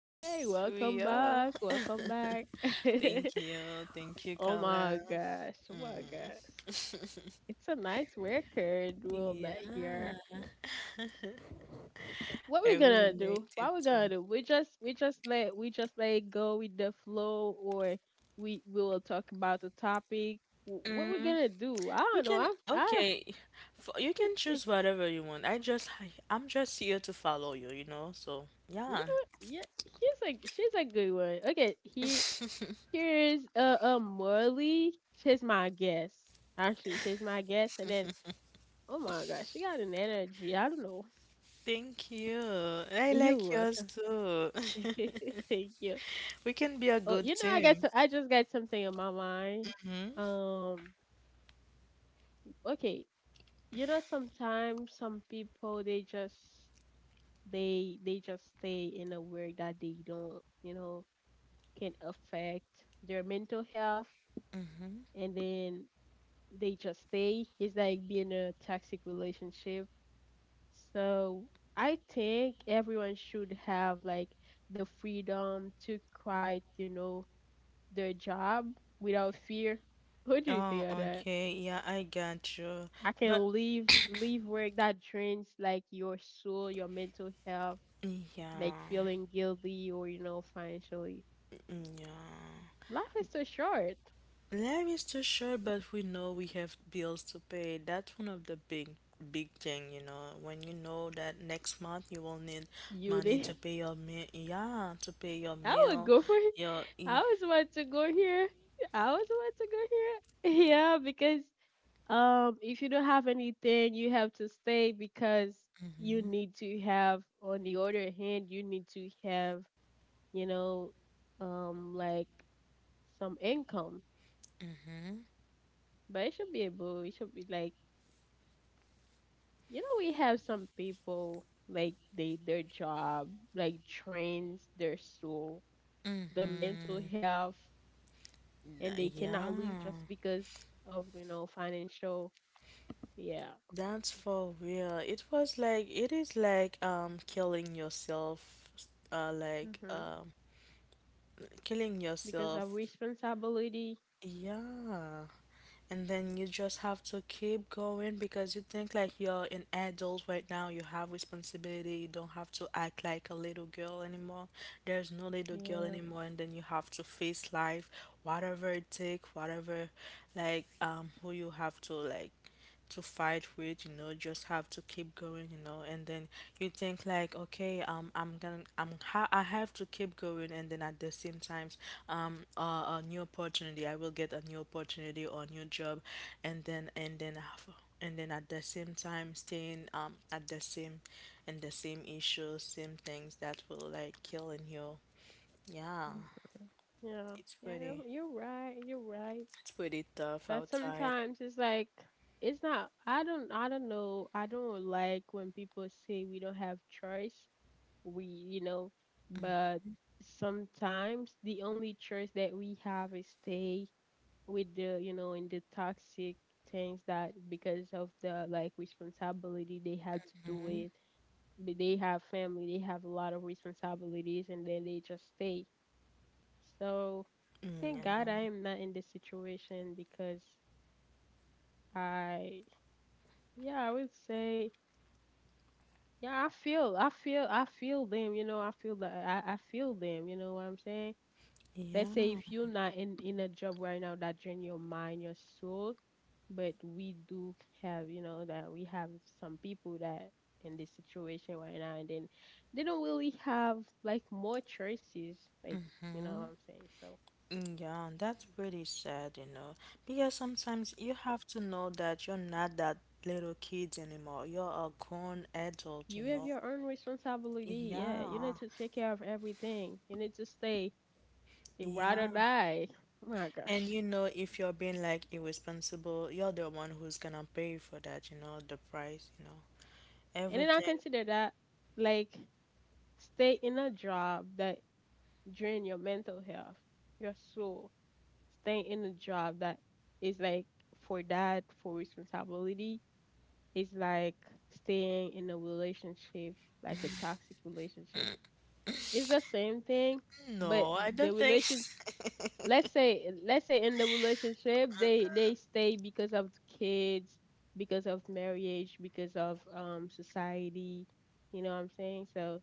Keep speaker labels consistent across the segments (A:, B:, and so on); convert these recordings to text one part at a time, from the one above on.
A: Hey,
B: we
A: welcome
B: are.
A: back. Welcome back.
B: Thank you. Thank you,
A: Oh my
B: Carla.
A: gosh. Oh my
B: Mm.
A: gosh. It's a nice record we'll
B: Yeah,
A: make here. What
B: I
A: we
B: really
A: gonna do?
B: liked it
A: What we
B: too.
A: gonna do? We just let it go with the flow, or we will talk about the topic. What we
B: Mm,
A: gonna do? I
B: we
A: don't know.
B: can,
A: I'm I
B: okay. For, you can choose whatever you want. I'm just here to follow you, you know? So,
A: You know
B: yeah.
A: what? Yeah, she's a good one. Okay, here Here's uh, uh Morley. She's my guess. Actually, she's my guess. And then, oh my gosh, she got an energy. I don't know.
B: Thank you. I
A: You're
B: like yours
A: welcome.
B: too.
A: Thank you.
B: We can be a
A: Oh,
B: good
A: you know,
B: team.
A: I just got something in my mind.
B: Hmm.
A: Um, okay. You know, sometimes some people they just stay in a way that they don't, you know, can affect their mental health.
B: Hmm.
A: And then they just stay. It's like being a toxic relationship. So I think everyone should have like the freedom to quit, you know, their job without fear. What do you think
B: Oh,
A: of that?
B: okay. Yeah, I got you.
A: I
B: But,
A: can leave work that drains like your soul, your mental health, like
B: yeah.
A: feeling guilty or you know financially.
B: Yeah.
A: Life is too short,
B: Life is too short, but we know we have bills to pay. That's one of the big, big thing, you know. When you know that next month you will need
A: you
B: money to
A: Need
B: pay your meal, yeah, to pay your
A: I would
B: meal,
A: go for it.
B: your
A: I
B: e-
A: always want to go here. I always want to go here. Yeah, because if you don't have anything, you have to stay because you need to have. On the other hand, you need to have, you know, like some income. But it should be able. It should be like, you know, we have some people like they their job like trains their soul, the mental health, and they cannot leave
B: yeah.
A: just because of you know financial, yeah,
B: That's for real. It was like it is like killing yourself, uh, like
A: hmm
B: um killing
A: because of
B: yourself.
A: responsibility.
B: Yeah. And then you just have to keep going because you think like you're an adult right now, you have responsibility, you don't have to act like a little girl anymore. There's no little girl
A: Yeah.
B: anymore, and then you have to face life, whatever it take, whatever, like who you have to, like, to fight with, you know, just have to keep going, you know. And then you think like, okay, I'm gonna, I have to keep going. And then at the same times, um uh, a new opportunity, I will get a new opportunity or a new job, and then and then af- and then at the same time staying, at the same and the same issues, same things that will, like, killing you, yeah.
A: Mhm. Yeah,
B: It's
A: yeah
B: pretty,
A: you're, you're right you're right
B: it's pretty tough
A: But
B: outside.
A: sometimes it's like it's not, I don't know. I don't like when people say we don't have choice, we you know. But sometimes the only choice that we have is stay with the you know in the toxic things that because of the like responsibility they had to do it. But they have family, they have a lot of responsibilities, and then they just stay. So
B: Mm,
A: thank
B: yeah.
A: God I am not in this situation because I, yeah, I would say, yeah, I feel them, you know. I feel them, you know what I'm saying? Let's say
B: Yeah.
A: if you're not in a job right now that drain your mind, your soul. But we do have you know that we have some people that in this situation right now, and then they don't really have like more choices, like you know what I'm saying. So
B: Mm, yeah, that's pretty sad, you know, because sometimes you have to know that you're not that little kid anymore. You're a grown adult, you
A: you have
B: know.
A: your own responsibility, yeah, you
B: Yeah,
A: need to take care of everything, you need to stay a ride or
B: yeah.
A: die. Oh my
B: And
A: gosh.
B: you know, if you're being like irresponsible, you're the one who's gonna pay for that, you know, the price, you know,
A: And then I
B: everything.
A: consider that like stay in a job that drain your mental health, your soul. Staying in a job that is like for that for responsibility is like staying in a relationship, like a toxic relationship. It's the same thing. But
B: No, I
A: the
B: don't think.
A: relation, let's say in the relationship they stay because of the kids, because of marriage, because of society, you know what I'm saying. So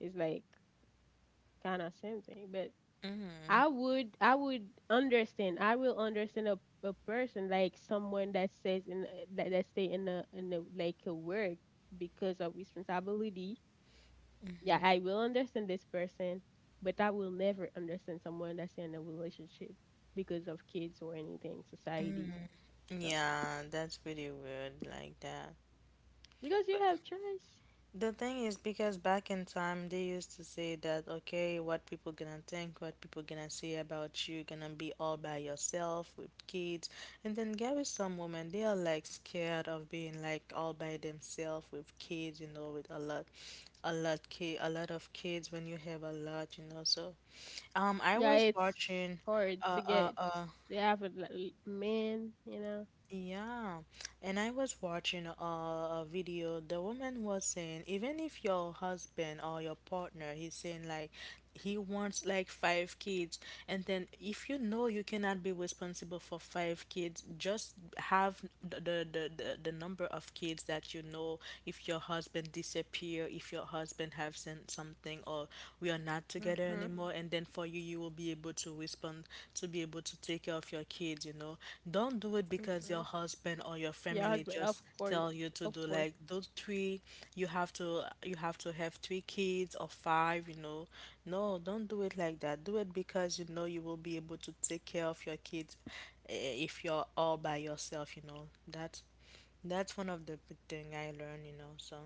A: it's like kind of same thing. But I would understand. I will understand a person like someone that says in eh, that stay in a like a work because of responsibility. Yeah, I will understand this person, but I will never understand someone that's in a relationship because of kids or anything, society stuff.
B: Yeah, that's pretty weird like that.
A: Because you have choice.
B: The thing is because back in time they used to say that, okay, what people gonna think, what people gonna say about you, gonna be all by yourself with kids. And then there is some women, they are like scared of being like all by themselves with kids, you know, with a lot, a lot ki a lot of kids when you have a lot, you know. So I
A: Yeah,
B: was
A: it's
B: watching
A: hard to
B: uh uh
A: get.
B: uh
A: They have a like, l- man, you know.
B: yeah, and I was watching a video. The woman was saying, even if your husband or your partner, he's saying like he wants like five kids, and then if you know you cannot be responsible for five kids, just have the number of kids that you know. If your husband disappear, if your husband have sent something, or we are not together there
A: Mhm.
B: anymore, and then for you, you will be able to respond, to be able to take care of your kids, you know. Don't do it because
A: Mhm.
B: your husband or your
A: Your
B: family
A: husband, of
B: just
A: course,
B: tell you to
A: of
B: do
A: course.
B: like those three. You have to, you have to have three kids or five, you know. No, don't do it like that. Do it because you know you will be able to take care of your kids, eh, if you're all by yourself, you know. That's one of the big thing I learned, you know. So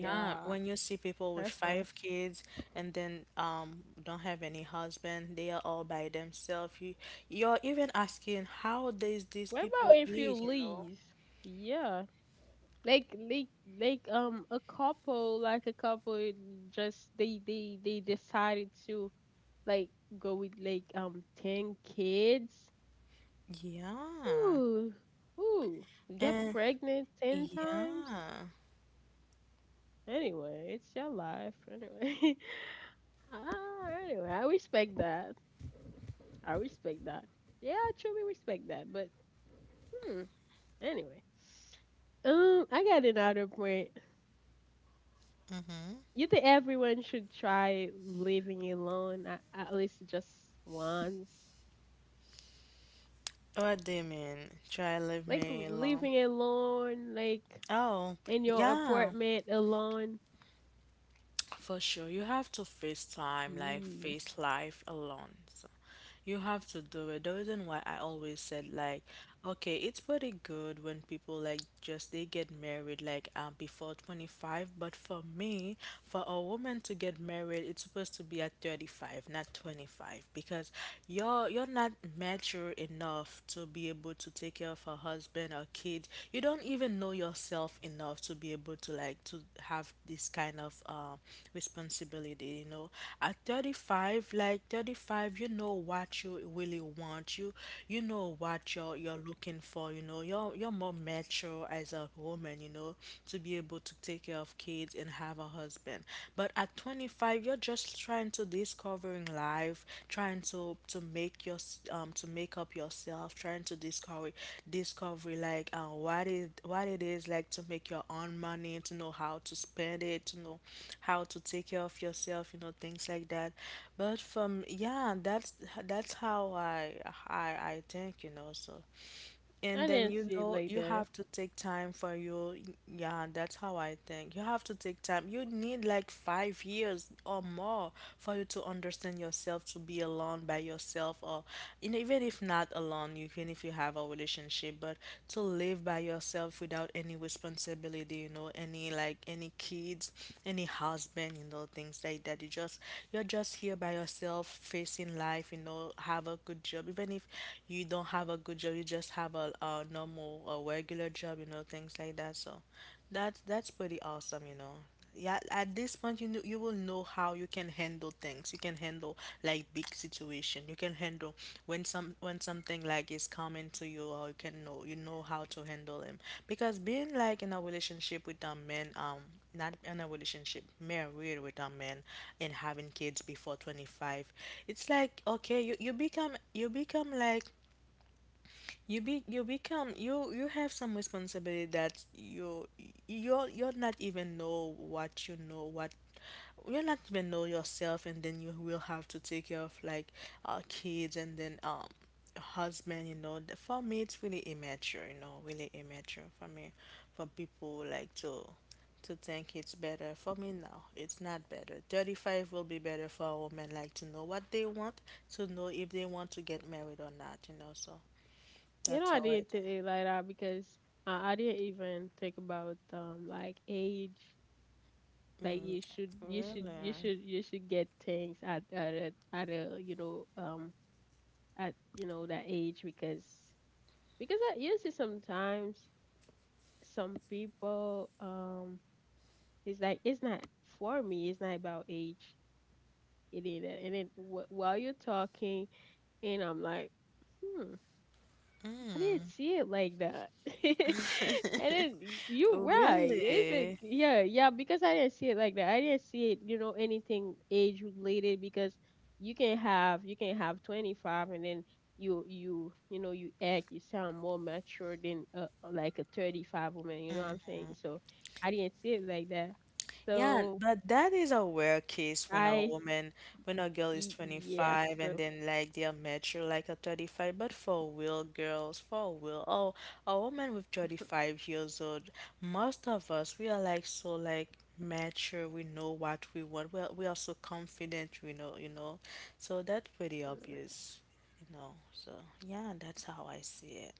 B: yeah, when you see people with
A: that's nice.
B: five kids and then don't have any husband, they are all by themselves. You, you're even asking, how does these
A: What
B: people
A: about if you
B: eat, you know?
A: leave? Yeah, like like like a couple, like a couple, just they decided to like go with like 10 kids.
B: Yeah.
A: Ooh, ooh, get
B: And
A: pregnant 10 times.
B: yeah.
A: Anyway, it's your life. Anyway, ah, anyway, I respect that. I respect that. Yeah, I truly respect that. But hmm, anyway. I got another point. You think everyone should try living alone at least just once?
B: What do you mean? Try leave
A: Like
B: me alone.
A: living alone, like
B: Oh,
A: in your
B: yeah.
A: apartment alone.
B: For sure, you have to face time, like
A: Ooh,
B: face life alone. So you have to do it. The reason why I always said like, okay, it's pretty good when people like just they get married like before 25. But for me, for a woman to get married, it's supposed to be at 35, not 25, because you're not mature enough to be able to take care of a husband or kid. You don't even know yourself enough to be able to, like, to have this kind of responsibility. You know, at 35, like 35, you know what you really want. You know what you're looking for. You know, you're more mature as a woman, you know, to be able to take care of kids and have a husband. But at 25, you're just trying to discovering life, trying to make your to make up yourself, trying to discover, discovery, like what is, what it is like to make your own money, to know how to spend it, to know how to take care of yourself, you know, things like that. But from yeah, that's how I, I think, you know. So and
A: I
B: then
A: didn't
B: you
A: see it
B: know
A: like
B: you
A: that.
B: have to take time for you. Yeah, that's how I think. You have to take time. You need like 5 years or more for you to understand yourself, to be alone by yourself, or and even if not alone, even if you have a relationship, but to live by yourself without any responsibility, you know, any like any kids, any husband, you know, things like that. You just, you're just here by yourself, facing life, you know, have a good job. Even if you don't have a good good job, you just have a normal, a regular job, you know, things like that. So that's pretty awesome, you know. Yeah, at this point, you know, you will know how you can handle things. You can handle like big situation. You can handle when some, when something like is coming to you, or you can know, you know how to handle them. Because being like in a relationship with a man, not in a relationship, married with a man, and having kids before 25, it's like, okay, you become, you become like, you be, you become, you have some responsibility that you, you're not even know what, you know what, you're not even know yourself, and then you will have to take care of like kids and then husband, you know. The- for me, it's really immature, you know, really immature for me, for people like to think it's better. For me now, it's not better. 35 will be better for a woman, like to know what they want, to know if they want to get married or not, you know. So
A: You know,
B: that's
A: I
B: how I,
A: didn't think it like that because I didn't even think about like age. Like
B: mm,
A: you should, you should,
B: really,
A: you should, you should get things at at a you know at you know that age because. Because I you see sometimes some people it's like it's not, for me, it's not about age. It is. And then while you're talking, and I'm like, hmm, I didn't see it like that. And then you right. It's like
B: really.
A: yeah, yeah, because I didn't see it like that. I didn't see it, you know, anything age related. Because you can have, you can have 25, and then you know you act, you sound more mature than like a 35 woman. You know what I'm saying? So I didn't see it like that.
B: Yeah,
A: So
B: but that is a rare case when a
A: I,
B: woman, when a girl is
A: yes.
B: 25 and
A: So
B: then like they are mature like a 35. But for real girls, for real, oh, a woman with 35 years old, most of us, we are like so like mature. We know what we want. We are so confident, we know, you know. So that's pretty obvious, you know. So yeah, that's how I see it.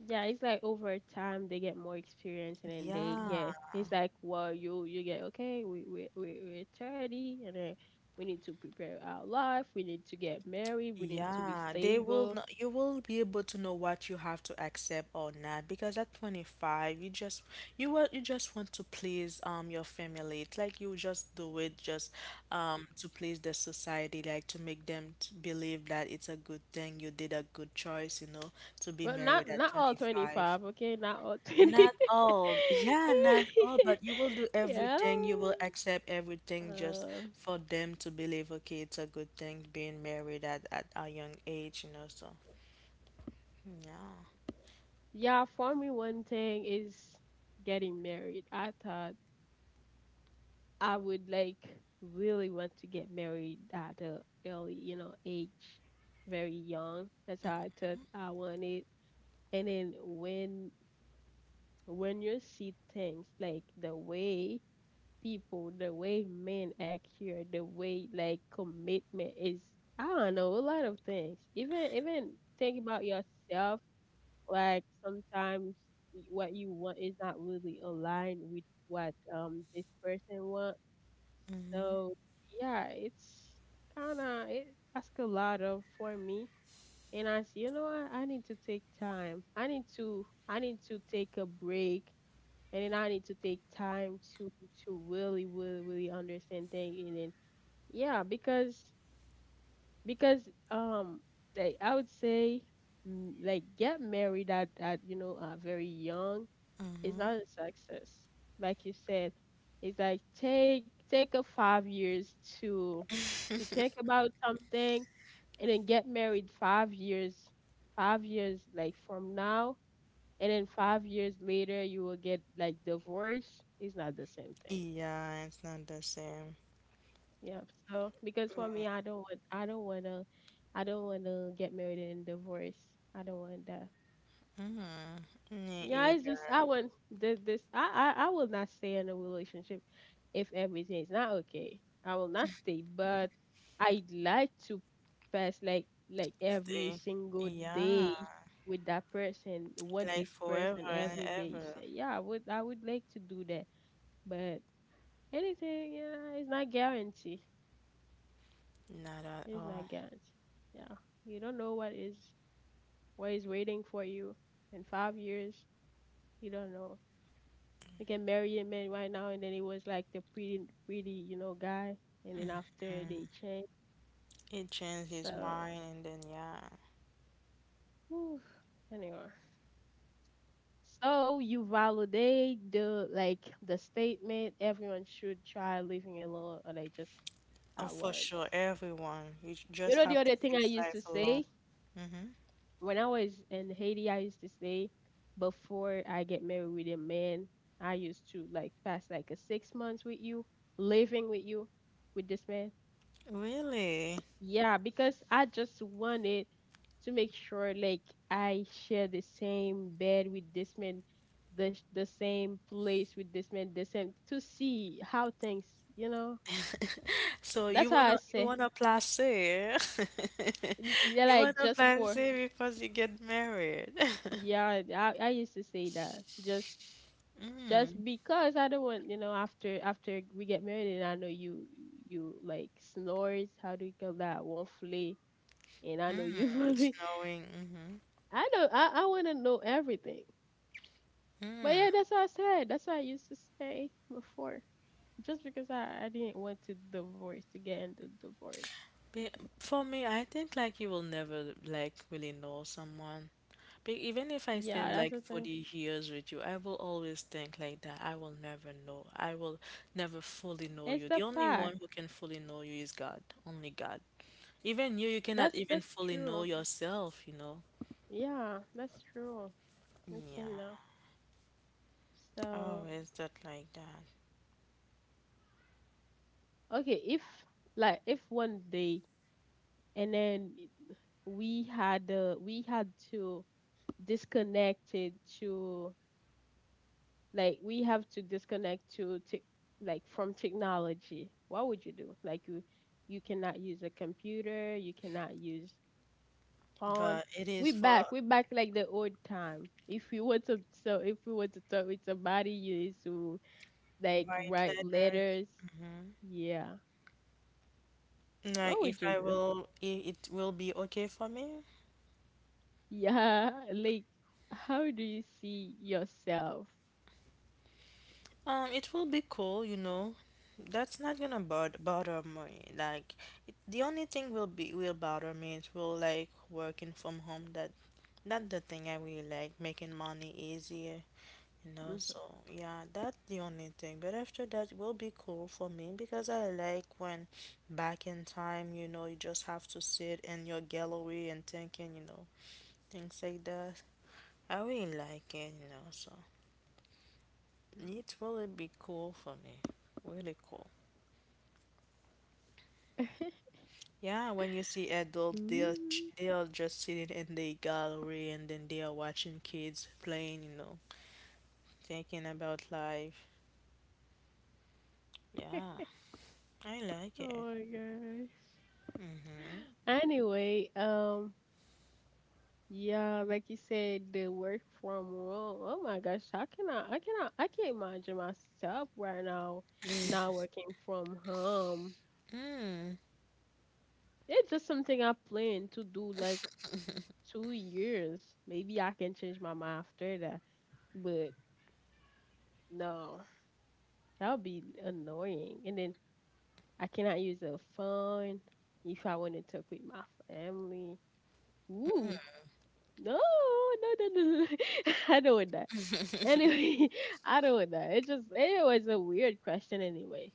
A: yeah, it's like over time they get more experience, and then they
B: Yeah.
A: yeah, it's like well you get okay, we're 30, and then we need to prepare our life, we need to get married, we need to be
B: Yeah, they will know.
A: stable.
B: You will be able to know what you have to accept or not, because at 25 you just, you will, you just want to please your family. It's like you just do it just to please the society, like to make them t believe that it's a good thing, you did a good choice, you know, to be
A: But not
B: married at
A: not all
B: 25.
A: 25, okay? Not all 20.
B: Not all. Yeah, not all, but you will do
A: Yeah.
B: everything. You will accept everything just
A: Uh
B: for them to believe, okay, it's a good thing being married at a young age, you know. So yeah.
A: yeah, for me one thing is getting married. I thought I would like really want to get married at a early, you know, age, very young. That's how I thought I wanted. And then when you see things like the way people, the way men act here, the way like commitment is, I don't know, a lot of things. Even think about yourself, like sometimes what you want is not really aligned with what this person want. So yeah, it's kind of it asks a lot of for me. And I said, you know what? I need to take time. I need to take a break, and then I need to take time to really really really understand things. And then yeah, because they, I would say mm, like get married at you know very young, it's not a success. Like you said, it's like take a 5 years to to think about something, and then get married 5 years, 5 years like from now, and then 5 years later you will get like divorced. It's not the same thing.
B: Yeah, it's not the same.
A: Yeah. So because for me I don't
B: Mm-hmm.
A: want I don't wanna get married and divorce. I don't want that.
B: Mm-hmm. Me
A: Yeah, it's just
B: either.
A: I wouldn't, this I I will not stay in a relationship if everything is not okay. I will not stay, but I'd like to pass like every
B: Stay.
A: single
B: Yeah.
A: day with that person, want
B: Like
A: this
B: forever
A: person
B: and
A: every day.
B: ever.
A: So yeah, I would like to do that. But anything, yeah, it's not guaranteed.
B: Not at
A: It's
B: all.
A: not guaranteed. Yeah. You don't know what is waiting for you in 5 years. You don't know. Like a married man right now, and then it was like the pretty, pretty, you know, guy, and then after they change.
B: It changed his
A: So,
B: mind, and then yeah.
A: whew, anyway, so you validate the like the statement everyone should try living alone, or like just
B: Oh,
A: at
B: for
A: once.
B: sure, everyone. You j-
A: You
B: just
A: know, the
B: have to
A: other thing I
B: face
A: used to
B: life alone.
A: say
B: Mm-hmm.
A: when I was in Haiti, I used to say before I get married with a man, I used to like pass like a 6 months with you, living with you, with this man.
B: Really?
A: Yeah, because I just wanted to make sure like I share the same bed with this man, the same place with this man, the same to see how things, you know.
B: So
A: That's
B: you
A: how I
B: wanna, you
A: say.
B: wanna placer.
A: Yeah,
B: You
A: like
B: wanna
A: just for
B: placer because you get married.
A: yeah, I used to say that just because I don't want you know after we get married and I know you you like snores how do you call that. Won't flee, and I know
B: Mm,
A: you
B: snowing. Mm-hmm.
A: I don't I want to know everything. But yeah, that's what I said. That's what I used to say before. Just because I didn't want to divorce to get into divorce.
B: Be for me, I think like you will never like really know someone. Be even if I
A: Yeah,
B: spend
A: that's the
B: like
A: thing.
B: 40 years with you, I will always think like that. I will never know. I will never fully know
A: It's
B: you.
A: the
B: The only
A: fact.
B: one who can fully know you is God. Only God. Even you, you cannot even
A: That's
B: fully know
A: true.
B: yourself, you know?
A: Yeah, that's true. Okay now.
B: Yeah. Oh,
A: So
B: is that like that?
A: okay, if one day and then we had to disconnect it to, like we have to disconnect to tech, like from technology, what would you do? Like you cannot use a computer, you cannot use phone.
B: But it is for
A: We back like the old time, if you want to, so if we want to talk with somebody, you need to like
B: white
A: write
B: letters.
A: letters.
B: Hmm.
A: Yeah.
B: Like
A: What
B: if
A: would you
B: I
A: do?
B: will, it will be okay for me.
A: Yeah, like how do you see yourself?
B: It will be cool, you know. That's not gonna bod bother me. Like it, the only thing will be, will bother me, it will like working from home. That that's the thing I really like, making money easier. No,
A: Mhm.
B: so yeah, that's the only thing. But after that, it will be cool for me because I like when back in time, you know, you just have to sit in your gallery and thinking, you know, things like that. I really like it, you know, so it will be cool for me. Really cool. Yeah, when you see adults,
A: Ooh.
B: they're just sitting in the gallery and then they are watching kids playing, you know, thinking about life. Yeah, I like it.
A: Oh my gosh.
B: Mm-hmm.
A: Anyway, yeah, like you said, the work from home. Oh my gosh, I can't imagine myself right now not
B: Mm.
A: working from home.
B: Mm.
A: It's just something I plan to do like 2 years. Maybe I can change my mind after that, but no, that would be annoying. And then I cannot use a phone if I want to talk with my family. Ooh, no, no, no, no, no. I don't want that. Anyway, I don't want that. It was a weird question anyway.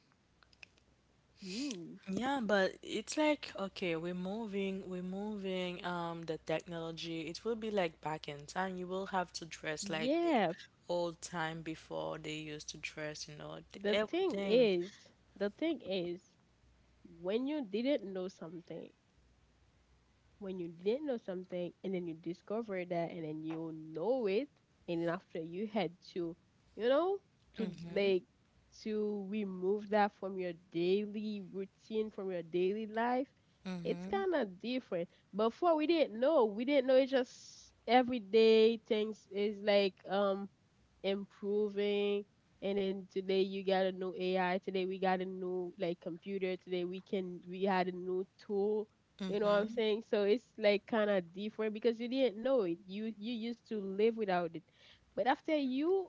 A: Ooh.
B: Yeah, but it's like okay, we're moving the technology. It will be like back in time. You will have to dress like the
A: Yeah.
B: old time before they used to dress, you know,
A: The thing
B: everything.
A: is, the thing is, when you didn't know something, when you didn't know something, and then you discover that and then you know it, and then after you had to, you know to
B: Mm-hmm.
A: like to remove that from your daily routine, from your daily life, it's
B: Mm-hmm.
A: kind of different. Before we didn't know, it's just everyday things is like improving, and then today you got a new AI, today we got a new like computer, today we had a new tool. You know what I'm
B: Mm-hmm.
A: saying? So it's like kind of different because you didn't know it. You used to live without it. But after you,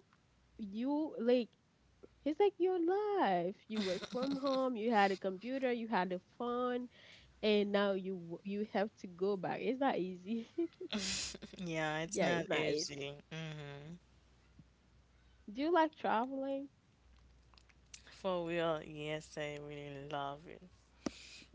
A: you like it's like your life. You work from home, you had a computer, you had a phone, and now you have to go back. It's not easy.
B: Yeah, it's
A: Yeah, it's
B: not
A: not easy.
B: easy. Mm-hmm.
A: Do you like traveling?
B: For real, yes, I really love it.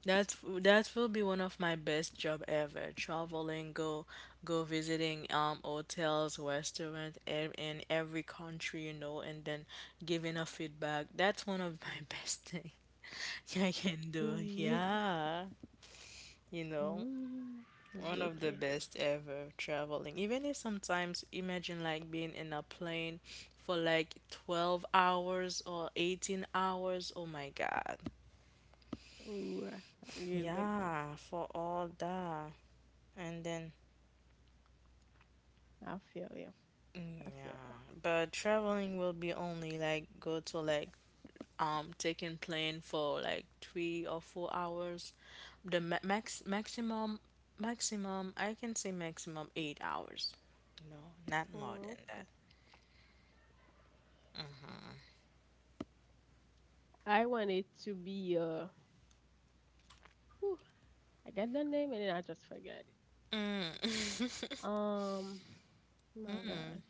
B: That that will be one of my best job ever. Traveling, go visiting hotels, in every country, you know, and then giving a feedback. That's one of my best thing I can do.
A: Ooh.
B: Yeah, you know,
A: Ooh,
B: one of the
A: okay.
B: best ever traveling. Even if sometimes imagine like being in a plane for like 12 hours or 18 hours. Oh my God.
A: Ooh, you like.
B: Yeah, for all that. And then
A: I feel you. I feel you.
B: yeah, but traveling will be only like go to like taking plane for like 3 or 4 hours. The ma max maximum maximum I can say maximum 8 hours. No, not more
A: Mm,
B: than
A: okay.
B: that.
A: I want it to be whew, I got the name and then I just forgot it.
B: Mm.
A: Um oh my gosh.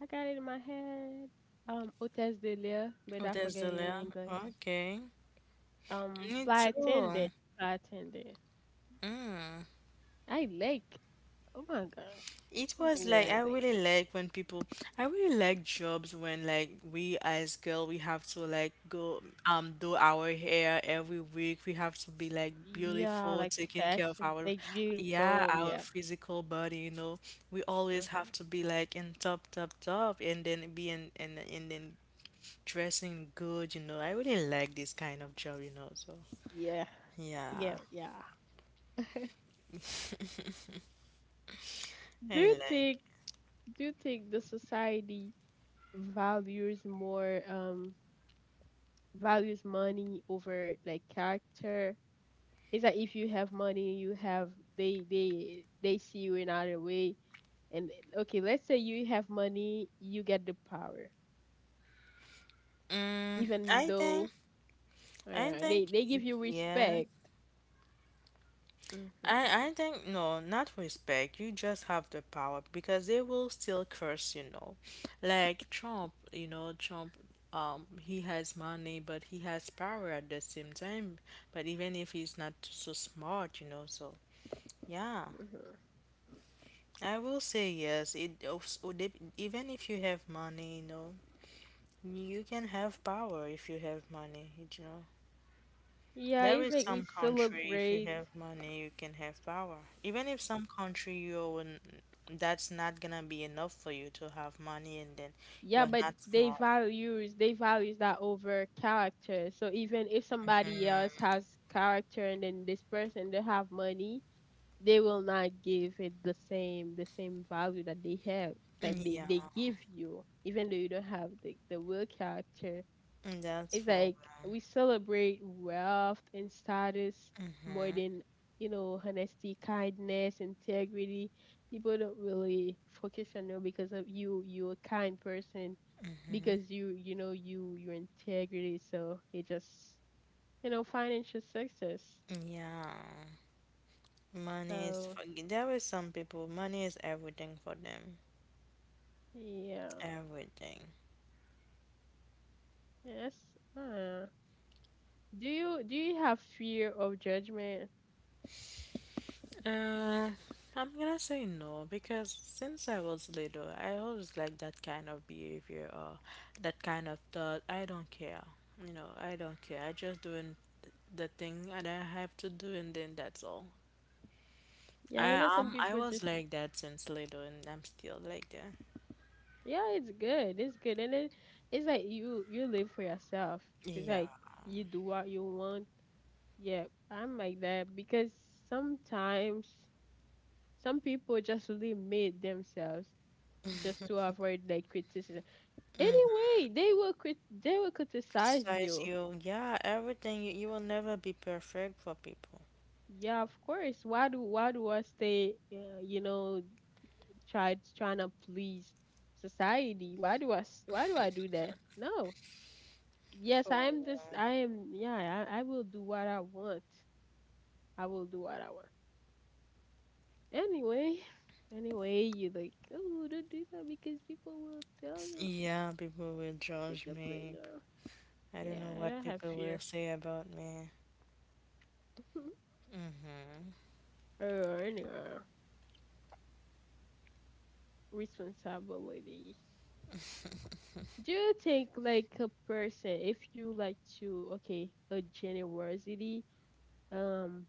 A: I got it in my head. Hôtesse de l'air, but
B: Oh,
A: I
B: there's
A: forget
B: the
A: it in
B: layer.
A: English.
B: Okay. Me
A: Fly
B: too.
A: attendant. Fly attendant.
B: Mm.
A: I like, oh my gosh.
B: It was
A: Something that
B: like
A: I
B: I
A: like.
B: really like when people I really like jobs when like we as girl we have to like go do our hair every week. We have to be like
A: Yeah,
B: beautiful,
A: like
B: taking care of
A: fashion,
B: our
A: like
B: yeah,
A: beautiful,
B: our
A: yeah.
B: physical body, you know. We always have
A: Mm-hmm.
B: to be like in top and then be in and then dressing good, you know. I really like this kind of job, you know, so
A: Yeah,
B: yeah.
A: yeah, yeah. Do
B: I
A: you
B: like.
A: think, the society values more, values money over like character? It's like if you have money, you have, they see you in other way. And okay, let's say you have money, you get the power.
B: Mm,
A: Even
B: I think
A: though
B: I
A: they
B: think
A: they give you
B: yes.
A: respect. Hmm, hmm.
B: I think no, not respect. You just have the power because they will still curse, you know. Like Trump, you know, Trump he has money but he has power at the same time. But even if he's not so smart, you know, so yeah. I will say yes. It also even if you have money, you know, you can have power if you have money, you know.
A: Yeah,
B: There
A: it's
B: is
A: like we
B: some country, if you
A: celebrate.
B: have money, you can have power. Even if some country you own, that's not gonna be enough for you to have money, and then
A: Yeah,
B: you're
A: but
B: not smart.
A: they values that over character. So even if somebody else has character, and then this person they have money, they will not give it the same value that they have. Like they
B: Yeah,
A: they give you, even though you don't have the real character.
B: that's
A: It's
B: for real.
A: like we celebrate wealth and status more than, honesty, kindness, integrity. People don't really focus on you because of, you're a kind person,
B: Mm-hmm.
A: because you know you your integrity, so it just, financial success.
B: Yeah, money is
A: So
B: for. There is some people. Money is everything for them.
A: yeah,
B: Everything.
A: yes. uh, do you have fear of judgment?
B: Uh, I'm gonna say no because since I was little, I always liked that kind of behavior or that kind of thought. I don't care, you know, I don't care. I just doing the thing that I have to do, and then that's all.
A: Yeah, you know, some
B: I
A: people
B: was
A: just,
B: like that since little, and I'm still like that.
A: yeah. It's good, and then it's like you live for yourself, it's
B: Yeah.
A: like you do what you want. Yeah, I'm like that because sometimes some people just limit themselves just to avoid like criticism.
B: Mm.
A: Anyway, they will criticize
B: Criticize
A: you.
B: you. Yeah, everything. You will never be perfect for people.
A: Yeah, of course. Why do I stay? Trying to please society? Why do I do that? No. Yes,
B: For
A: I am this. I am. Yeah, I will do what I want. I will do what I want. Anyway, anyway, you like, oh, don't do that because people will tell you,
B: yeah, people will judge
A: because
B: me. I
A: yeah,
B: don't know
A: I don't
B: what
A: have
B: people
A: fear
B: will say about me. Mm-hmm.
A: or anyway, responsibility. Do you think like a person if you like to, okay, a generosity, um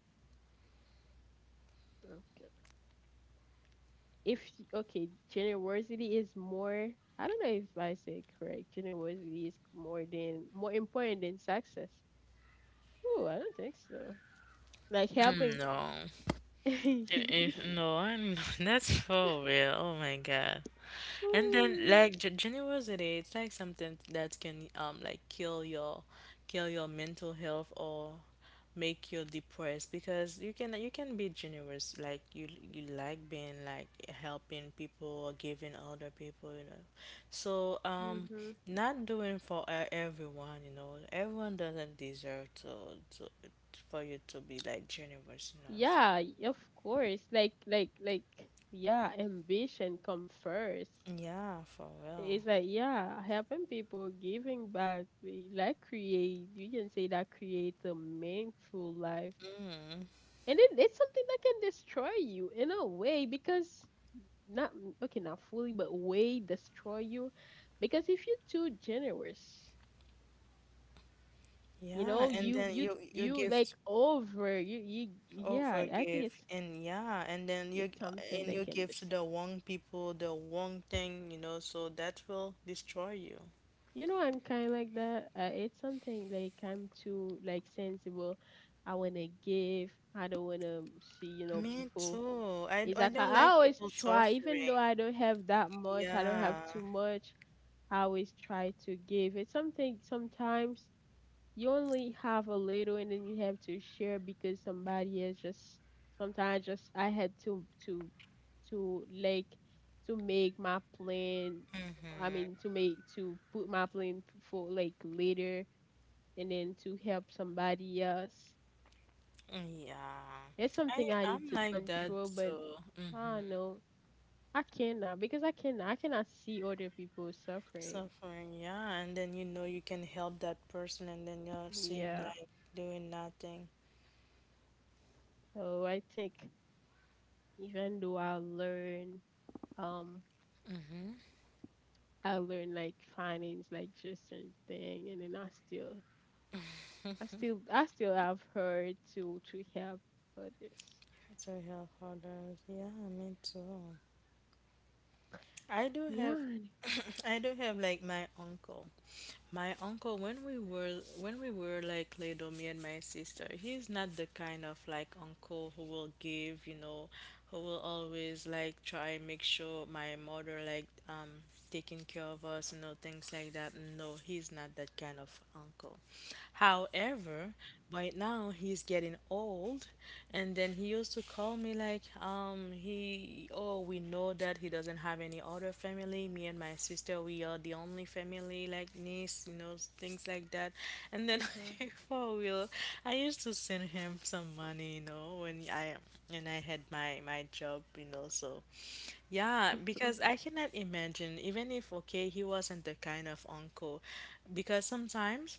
A: okay if, okay, generosity is more, I don't know if I say correct. Generosity is more important than success. Oh, I don't think so. Like helping.
B: Mm, no. No, that's for real. Oh my God. And then
A: Mm-hmm.
B: like generosity, it's like something that can like kill your mental health or make you depressed because you can be generous like you like being like helping people or giving other people, you know, so not doing for everyone, you know, everyone doesn't deserve to for you to be like generous, you know, so
A: Yeah, of course. Like, yeah, ambition come first.
B: yeah, for real.
A: It's like, yeah, helping people, giving back, like create, you can say that creates a meaningful life.
B: Mm.
A: And it's something that can destroy you in a way because not, okay, not fully, but way destroy you. Because if you're too generous, you
B: Yeah,
A: know,
B: and then you
A: you
B: give
A: like over,
B: oh,
A: yeah, I think
B: forgive and yeah, and then you
A: it's something
B: and
A: that
B: you
A: can
B: give to
A: destroy.
B: the wrong people the wrong thing, you know, so that will destroy you.
A: You know, I'm kind of like that. It's something like I'm too like sensible. I wanna give. I don't wanna see,
B: Me
A: people.
B: too.
A: It's
B: I
A: like I
B: don't
A: I
B: like
A: always
B: people
A: try, even
B: suffering.
A: though I don't have that much. I don't have
B: Yeah.
A: too much. I always try to give. It's something, sometimes you only have a little and then you have to share because somebody is just, sometimes just I had to like to make my plan, I mean,
B: Mm-hmm.
A: to put my plan for like later, and then to help somebody else.
B: Yeah.
A: It's
B: I
A: something I need
B: I'm
A: to
B: like that
A: control, but
B: too.
A: I
B: Mm-hmm.
A: don't know. I cannot, because I cannot see other people suffering.
B: Suffering, yeah, and then you know you can help that person, and then you're sitting
A: Yeah.
B: like doing nothing
A: So I think, even though um I learned like finance, like just certain thing, and then I still, I still have her to, help others.
B: to help others. Yeah, me too. I do have
A: Yeah.
B: I do have like my uncle. My uncle, when we were like little, me and my sister, he's not the kind of like uncle who will give, you know, who will always like try and make sure my mother like taking care of us, you know, things like that. No, he's not that kind of uncle. However, right now he's getting old and then he used to call me like, oh, we know that he doesn't have any other family. Me and my sister, we are the only family like this, you know, things like that. And then
A: Mm-hmm.
B: for real, I used to send him some money, you know, when I and I had my job, you know. So yeah, because I cannot imagine, even if okay, he wasn't the kind of uncle, because sometimes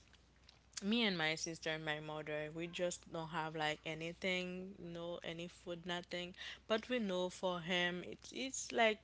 B: me and my sister and my mother, we just don't have like anything, no any food, nothing. But we know for him, it's like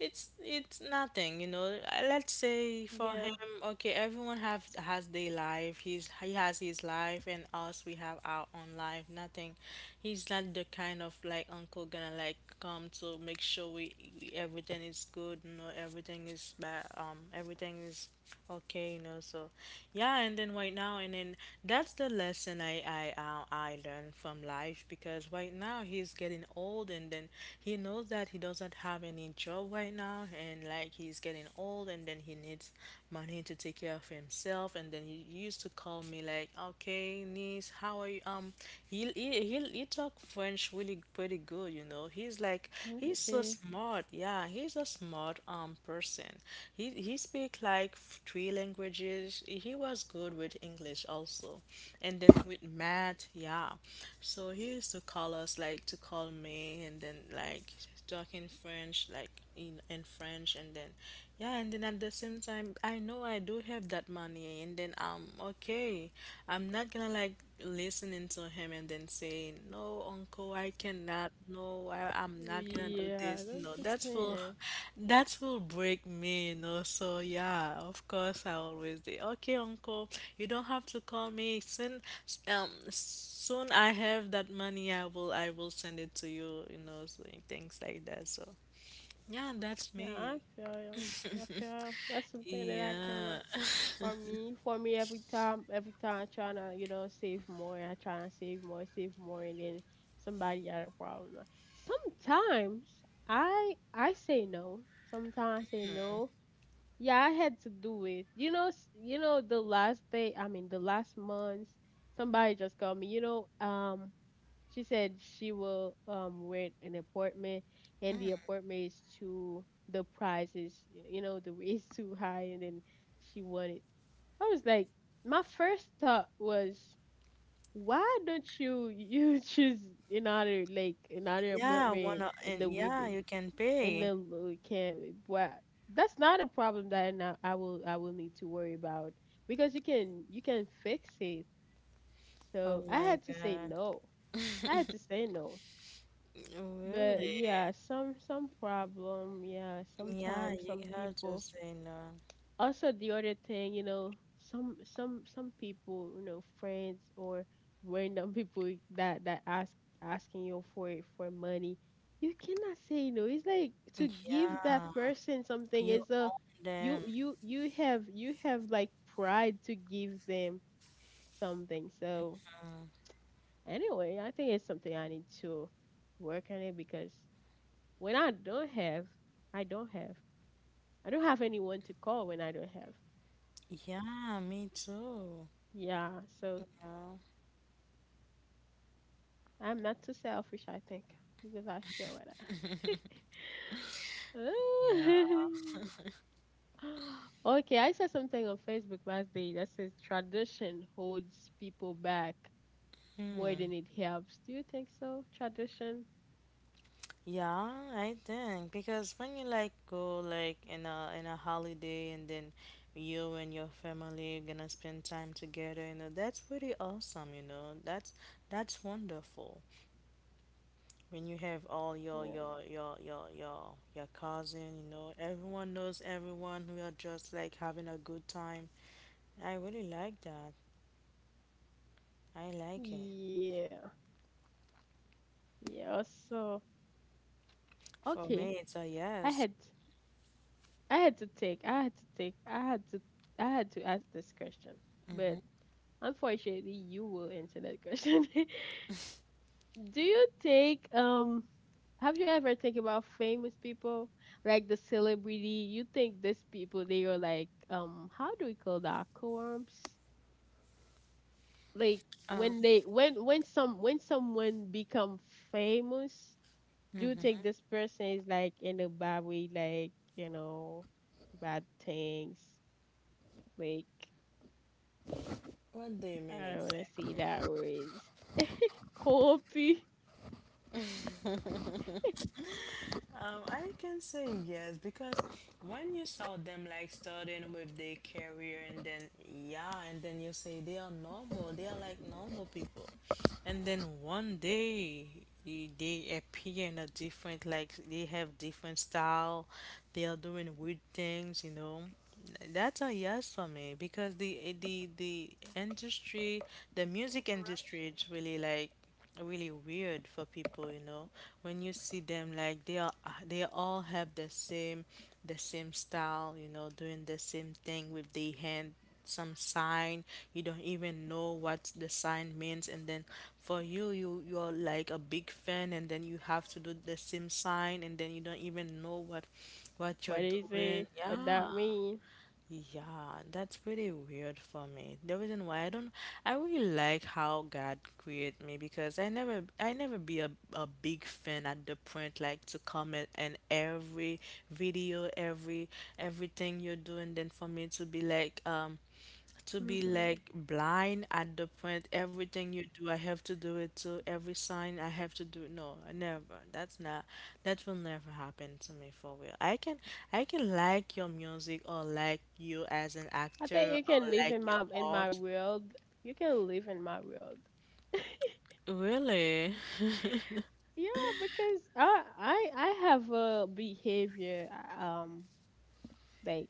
B: it's nothing, you know. Let's say for him,
A: Yeah.
B: okay, everyone have has their life. He has his life, and us we have our own life. Nothing. He's not the kind of like uncle gonna like come to make sure we everything is good. You know, everything is everything is okay. You know, so yeah. And then right now, and then that's the lesson I learned from life because right now he's getting old and then he knows that he doesn't have any job right now and like he's getting old and then he needs money to take care of himself and then he used to call me like, okay, niece, how are you? He talk french really pretty good, you know. He's like he's so
A: Okay.
B: smart. Yeah, he's a smart person. He speak like three languages. He was good with english also and then with Matt, yeah. So he used to call us like to call me and then like talk in French, like in French, and then yeah, and then at the same time, I know I do have that money, and then I'm okay. I'm not gonna like listening to him and then saying, "No, uncle, I cannot. No, I'm not gonna do
A: Yeah,
B: this."
A: that's
B: No,
A: the thing.
B: that will break me, you know. So yeah, of course, I always say, "Okay, uncle, you don't have to call me soon. Soon I have that money. I will send it to you, you know, so things like that." So yeah, that's
A: Yeah,
B: me.
A: I feel you. I feel that's something that I can.
B: Yeah,
A: For me, every time I trying to, you know, save more, I trying to save more, and then somebody got a problem. Sometimes I say no. Sometimes I say no. Yeah, I had to do it. You know, the last day, I mean, the last month, somebody just called me. You know, she said she will rent an apartment, and the apartment is too, the price is, you know, the rate is too high, and then she wanted. I was like, my first thought was, why don't you choose another
B: yeah, one
A: apartment
B: o-
A: in
B: and
A: the, with
B: yeah,
A: the-,
B: you can
A: in
B: pay.
A: the lo-, can. But that's not a problem that I, I will, I will need to worry about, because you can fix it.
B: Oh
A: So I
B: my
A: had to say
B: God.
A: no. I had to say no. But
B: Really?
A: yeah, some problem. Yeah,
B: Yeah,
A: sometimes
B: you
A: some
B: have to
A: people,
B: say no.
A: also the other thing, you know, some people, you know, friends or random people that, that ask, asking you for money, you cannot say no. It's like to give that
B: Yeah,
A: person something
B: you
A: is a,
B: own them.
A: you have like pride to give them something. So
B: Mm.
A: anyway, I think it's something I need to work on it, because when i don't have I don't have anyone to call when I don't have.
B: Yeah, me too.
A: Yeah, so
B: Yeah.
A: I'm not too selfish, I think, because I share with
B: Yeah.
A: her. Okay, I saw something on Facebook last day that says tradition holds people back more than
B: Hmm.
A: it helps. Do you think so? Tradition?
B: Yeah, I think because when you like go like in a holiday and then you and your family are gonna spend time together, you know, that's pretty awesome, you know. That's wonderful. When you have all
A: Yeah.
B: your cousin, you know, everyone knows everyone. We are just like having a good time. I really like that. I like it.
A: Yeah. Yeah. So
B: For
A: okay,
B: me, it's a
A: I
B: yes.
A: had I had to take I had to take I had to ask this question,
B: Hmm.
A: but unfortunately, you will answer that question. Do you think Have you ever think about famous people like the celebrity? You think these people they are like, how do we call that, co-ops? Like
B: Um,
A: when they when some when someone become famous, do you
B: mhm.
A: think this person is like in a bad way, like, you know, bad things? Like,
B: What do you mean
A: I don't wanna see that
B: exactly?
A: word is co-op.
B: I can say yes because when you saw them like starting with their career and then yeah, and then you say they are normal, they are like normal people. And then one day they appear in a different like they have different style. They are doing weird things, you know. That's a yes for me because the industry, the music industry is really like really weird for people, you know. When you see them like they are they all have the same style, you know, doing the same thing with the hand, some sign. You don't even know what the sign means, and then for you, you're like a big fan, and then you have to do the same sign, and then you don't even know what you're
A: What is
B: doing.
A: it? What
B: Yeah.
A: that mean?
B: Yeah, that's pretty weird for me. The reason why I don't, I really like how God created me because I never be a big fan at the point like to comment and every video, everything you're doing. Then for me to be like blind at the point everything you do I have to do it too, every sign I have to do. No, I never. That will never happen to me for real. I can like your music or like you as an
A: I think
B: actor
A: you
B: or
A: can live
B: like
A: in
B: your
A: my, in my
B: art.
A: world. You can live in my world.
B: Really
A: Yeah, because I have a behavior, uh, um like,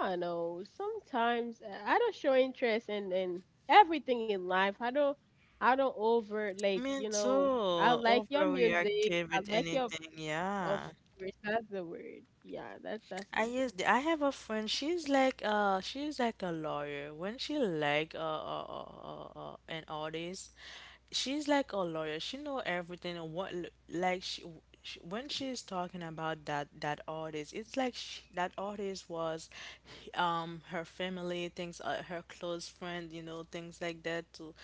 A: I don't know. Sometimes I don't show interest in, everything in life. I don't over like,
B: me
A: you
B: too
A: know. I like your music.
B: overreactive
A: I
B: with
A: like your
B: anything
A: Of
B: yeah.
A: course, that's the word. Yeah, that's
B: I
A: me.
B: used I have a friend. She's like a lawyer. When she like an artist, she's like a lawyer. She know everything. And what like she, when she's talking about that artist, it's like she, that artist was her family, things her close friend, you know, things like that too.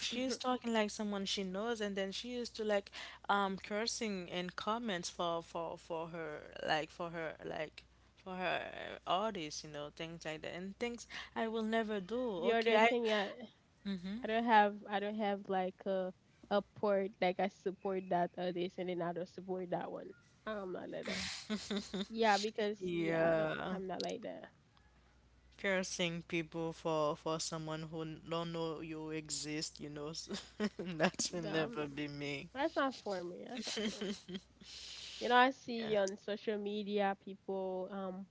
B: She's talking like someone she knows, and then she used to like cursing in comments for her like for her like for her artists, you know, things like that, and things I will never do.
A: The
B: Okay,
A: other
B: I
A: thing, yeah, I don't have like a port, like I support that, this, and then I don't support that one. I'm not like that. Yeah, because yeah,
B: yeah,
A: I'm not like that.
B: cursing people for someone who don't know you exist, you know, so that will
A: Um,
B: never be me.
A: that's not for me. That's not for me. You know, I see
B: Yeah.
A: on social media people, um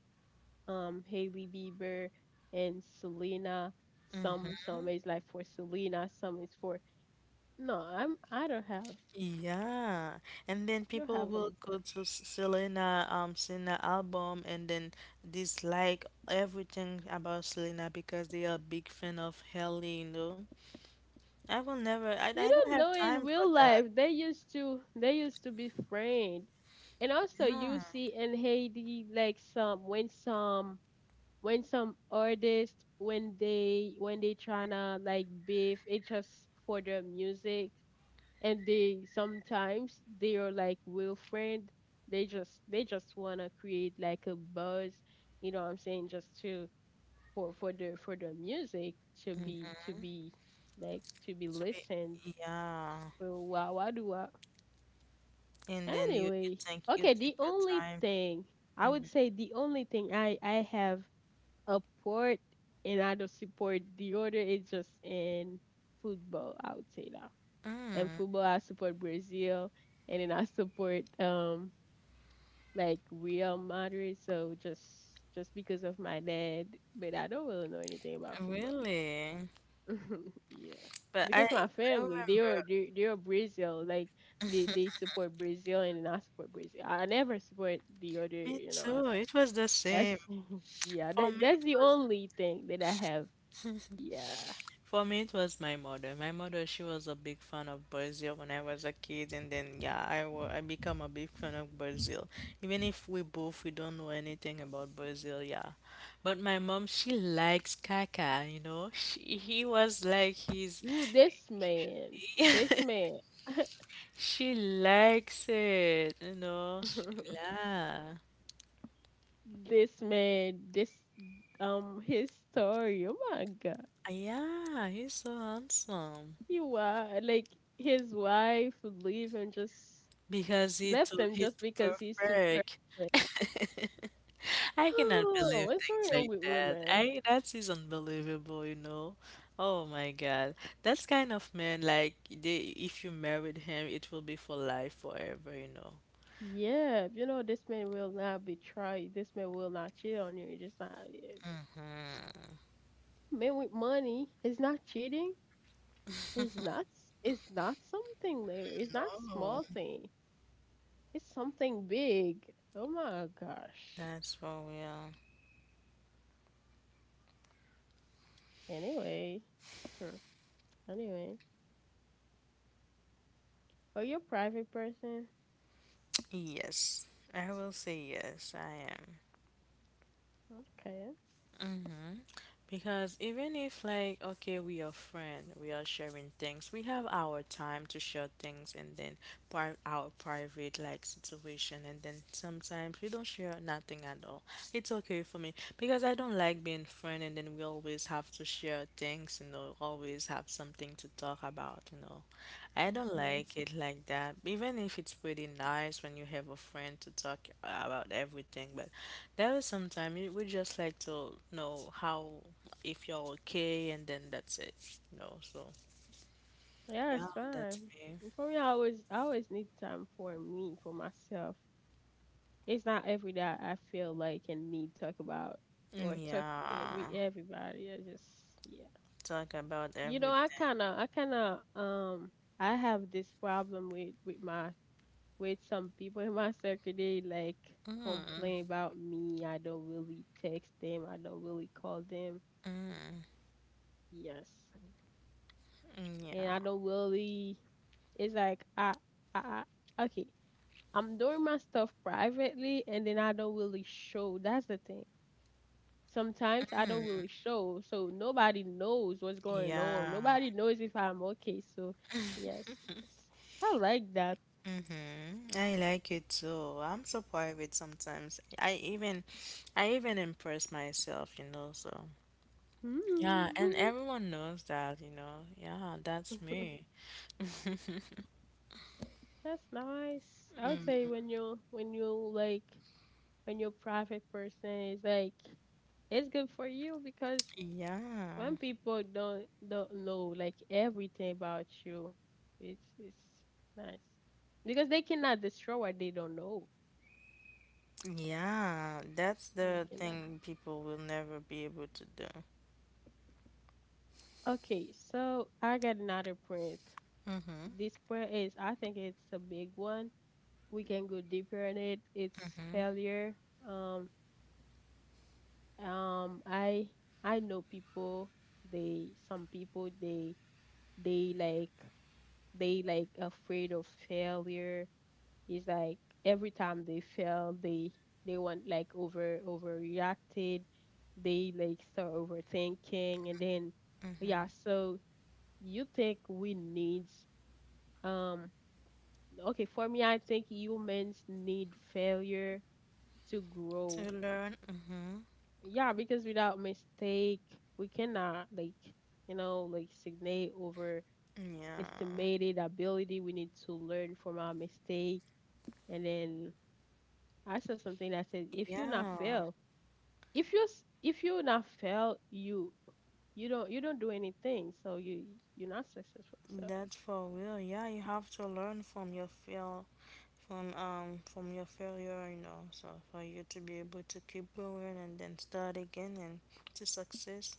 A: um Hailey Bieber and Selena. Some is like for Selena, some is for, no,
B: Yeah, and then
A: I don't
B: people
A: have
B: will
A: any.
B: go to Selena Selena album and then dislike everything about Selena because they are a big fan of Hailey, you know. I will never. I
A: You
B: don't
A: don't
B: have
A: know in
B: time for
A: real
B: that.
A: life they used to be friends. And also you see in Haiti like some when some when some artists, when they tryna like beef it just for their music, and they, sometimes they are like real friend. They just wanna create like a buzz, you know what I'm saying, just to for their music to be like to be
B: To be,
A: listened
B: yeah,
A: so wow, Why do I?
B: and then you
A: Anyway,
B: think you
A: okay.
B: take
A: The
B: your
A: only
B: time.
A: thing I would
B: Mhm.
A: say, the only thing I have a port and I don't support the other is just in football. I would say that. And
B: Mm,
A: football, I support Brazil, and then I support like Real Madrid. So just because of my dad, but I don't really know anything about football.
B: really.
A: yeah.
B: But I
A: Because my family, they are
B: remember,
A: they they are Brazil. Like they support Brazil and I support Brazil. I never support the other.
B: me
A: You know,
B: too,
A: I-
B: it was the same.
A: that's yeah.
B: For
A: That
B: me
A: that's
B: it
A: the
B: was,
A: only thing that I have. Yeah.
B: for me it was my mother. My mother, she was a big fan of Brazil when I was a kid, and then yeah, I become a big fan of Brazil, even if we both, we don't know anything about Brazil. Yeah, but my mom, she likes Kaka, you know. He was like his—
A: Ooh, this man. This man.
B: she likes it, you know. She, yeah.
A: this man. This his story. Oh my god.
B: Yeah, he's so handsome.
A: He wa like his wife leave him just
B: Because he
A: left
B: too,
A: him
B: he's
A: just because he's too perfect.
B: perfect. I cannot
A: Oh,
B: believe
A: what's
B: things
A: going on
B: like
A: with
B: that.
A: women?
B: I, that is unbelievable, you know. Oh my God. That's kind of man like, they, if you married him, it will be for life forever, you know.
A: Yeah, you know, this man will not betray. This man will not cheat on you. It's just not
B: Mm.
A: men with money. It's not cheating. It's not. S- It's not something little. It's not
B: No,
A: small thing. It's something big. Oh my gosh.
B: that's for real.
A: Anyway, hmm. Anyway, oh, you're a private person.
B: Yes. I will say yes, I am.
A: Okay.
B: Mm-hmm. Because even if, like, okay, we are friends, we are sharing things, we have our time to share things, and then our private, like, situation. And then sometimes we don't share nothing at all. It's okay for me because I don't like being friend and then we always have to share things, you know, always have something to talk about, you know. I don't
A: Mhm.
B: like it like that. Even if it's pretty nice when you have a friend to talk about everything, but there is sometimes we just like to know how, if you're okay, and then that's it. You know, so
A: Yeah,
B: yeah,
A: it's
B: that's
A: fine.
B: me.
A: And for me, I always need time for me, for myself. It's not every day I feel like and need talk about or talk
B: Yeah,
A: with everybody. I just yeah.
B: talk about
A: You know, I
B: everything.
A: kind of I kind of um I have this problem with my with some people in my circle. They like
B: Mm,
A: complain about me. I don't really text them. I don't really call them.
B: mm, mm,
A: Yes, and
B: yeah,
A: I don't really. It's like I, I okay. I'm doing my stuff privately, and then I don't really show. That's the thing. Sometimes I don't
B: mm,
A: really show, so nobody knows what's going on.
B: yeah.
A: Nobody knows if I'm okay. So, yes, s- I like that.
B: Mm-hmm. I like it too. I'm so private sometimes. I even impress myself, you know. So yeah, and
A: Mm.
B: everyone knows that, you know. Yeah, that's me.
A: That's nice. I would say when you when you're private person is like it's good for you because
B: Yeah,
A: when people don't know like everything about you, it's nice because they cannot destroy what they don't know.
B: yeah, that's
A: They
B: the
A: cannot.
B: thing people will never be able to do.
A: Okay, so I got another point.
B: Mm-hmm,
A: This point is, I think it's a big one. We can go deeper in it. It's failure. Um, um, I I know people. They some people they like they like afraid of failure. It's like every time they fail, they want like over overreacted. They like start overthinking, and then
B: mm-hmm.
A: yeah. So you think we need Um, okay, for me, I think humans need failure to
B: To
A: grow.
B: learn, mm-hmm.
A: Yeah, because without mistake, we cannot like, you know, like signate overestimated
B: Yeah,
A: ability. We need to learn from our mistake. And then I said something that said, if you not
B: yeah,
A: fail, if you not fail, you you don't do anything. So you you're not successful. So
B: that's for real. Yeah, you have to learn from your fail, from your failure, you know. So for you to be able to keep going and then start again and to success.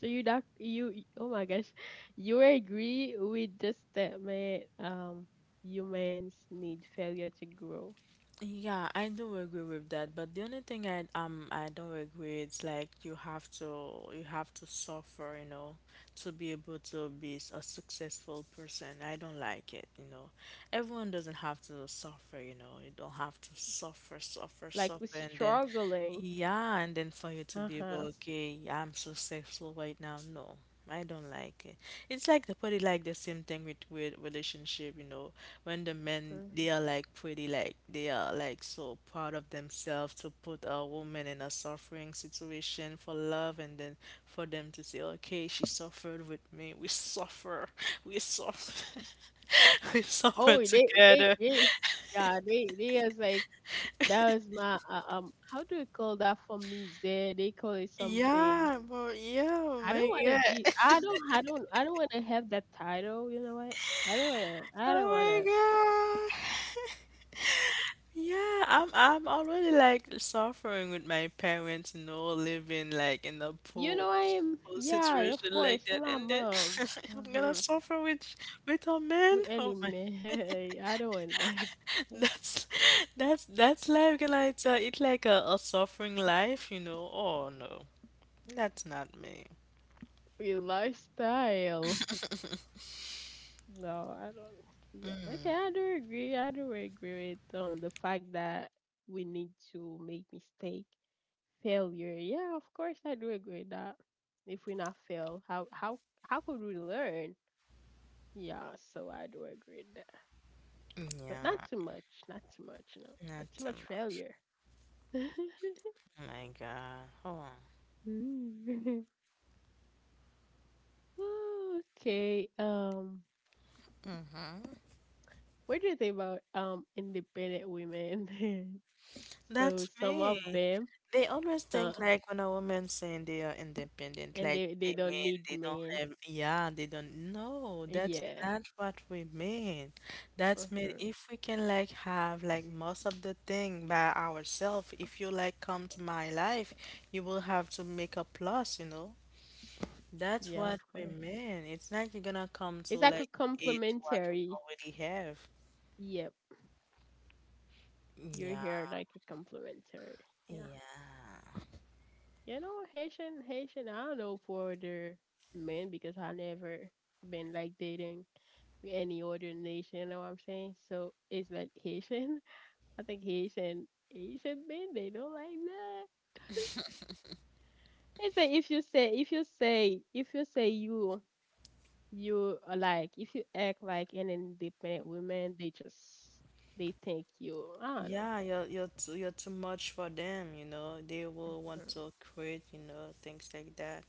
A: so you not you oh my gosh, you agree with the statement humans need failure to grow.
B: Yeah, I do agree with that, but the only thing I don't agree it's like you have to, you have to suffer, you know, to be able to be a successful person. I don't like it, you know. Everyone doesn't have to suffer, you know. You don't have to suffer, suffer,
A: Like we're
B: suffer, and then
A: struggling.
B: yeah, and then for you to be able,
A: Uh-huh.
B: okay, I'm successful right now. No, I don't like it. It's like the probably like the same thing with relationship, you know, when the men
A: Mm.
B: they are like pretty, like they are like so proud of themselves to put a woman in a suffering situation for love, and then for them to say, okay, she suffered with me. We suffer. We suffer. We suffer
A: Oh, they they
B: together.
A: they yeah, they was like that was my how do you call that for me there? They call it something.
B: Yeah, but yeah, oh
A: I don't
B: my
A: wanna be
B: God.
A: I don't wanna have that title, you know what? I don't wanna I
B: Oh
A: don't wanna
B: my God. Yeah, I'm already like suffering with my parents, you know, living like in a
A: you
B: poor
A: know I am yeah, of
B: situation
A: course,
B: like
A: for
B: that,
A: my
B: and then
A: mom.
B: I'm gonna
A: Mhm.
B: suffer with a man.
A: With any
B: Oh my,
A: man. I don't want that.
B: that's that's life. Can I tell? It's like a suffering life, you know. Oh no, that's not me.
A: With lifestyle. No, I don't. Yeah. Okay, I do agree with the fact that we need to make mistake, failure. Yeah, of course I do agree with that. If we not fail, how could we learn? Yeah, so I do agree with that. But not
B: Yeah,
A: too much. Not too much. No,
B: not
A: not too
B: too
A: much
B: much.
A: failure.
B: Oh my God.
A: Mm. okay.
B: Oh,
A: What do you think about independent women? So
B: that's
A: some
B: me.
A: of them,
B: They always
A: some
B: think like when a woman saying they are independent,
A: and
B: like
A: they
B: they
A: don't
B: mean
A: need
B: they don't
A: men.
B: have, yeah, they don't. No, that's
A: Yeah.
B: not what we mean. That's mean
A: Uh-huh.
B: if we can like have like most of the thing by ourselves, if you like come to my life, you will have to make a plus, you know? That's
A: Yeah, of
B: what we
A: course.
B: mean. It's not you're gonna come to
A: It's like a
B: like to eat what we
A: complimentary.
B: already have.
A: Yep, you're
B: Yeah,
A: here like a complimentary. Yeah.
B: yeah.
A: You know, Haitian. I don't know for the men because I never been like dating with any other nation. You know what I'm saying? So it's like Haitian. I think Haitian men they don't like that. It's like if you say if you say if you say you you are like if you act like an independent woman, they just they think you I don't know.
B: Yeah, you're too, you're too much for them, you know. They will want
A: Hmm,
B: to quit, you know, things like that.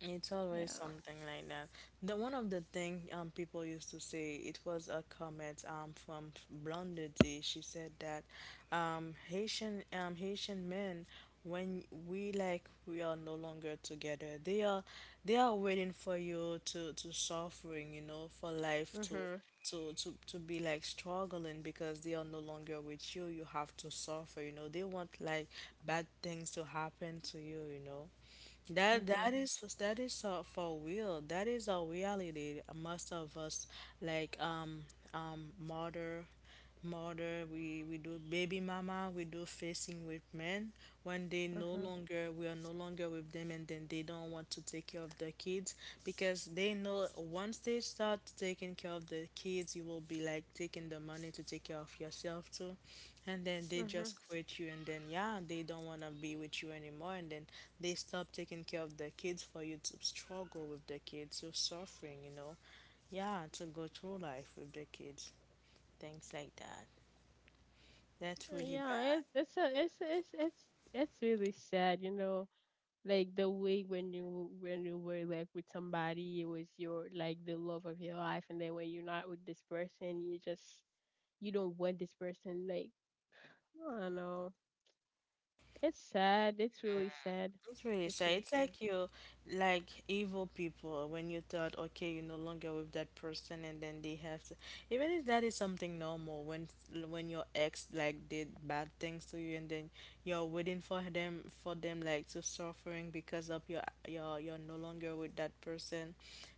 B: It's always
A: yeah.
B: something like that. The one of the thing people used to say, it was a comment from Blondie. D. She said that Haitian Haitian men, when we like, we are no longer together, they are waiting for you to suffering, you know, for life to
A: Mhm.
B: to be like struggling because they are no longer with you, you have to suffer, you know, they want like bad things to happen to you, you know. That, that
A: Mhm.
B: is, that is for real. That is a reality. Most of us, like mother we do baby mama, we do facing with men when they no
A: Mhm.
B: longer, we are no longer with them, and then they don't want to take care of their kids because they know once they start taking care of the kids you will be like taking the money to take care of yourself too. And then they just
A: Mhm.
B: quit you, and then yeah, they don't wanna be with you anymore, and then they stop taking care of their kids for you to struggle with the kids, you're suffering, you know. Yeah, to go through life with the kids. Things like that. That's really
A: Yeah.
B: bad.
A: It's a, it's it's really sad, you know. Like the way when you were like with somebody it was your like the love of your life and then when you're not with this person you just you don't want this person like I don't know, it's sad. It's really sad.
B: It's really
A: It's
B: sad.
A: really
B: It's
A: sad.
B: like you, like evil people when you thought, okay, you're no longer with that person, and then they have to, even if that is something normal, when your ex like did bad things to you, and then you're waiting for them, for them like to suffering because of your, you're no longer with that person.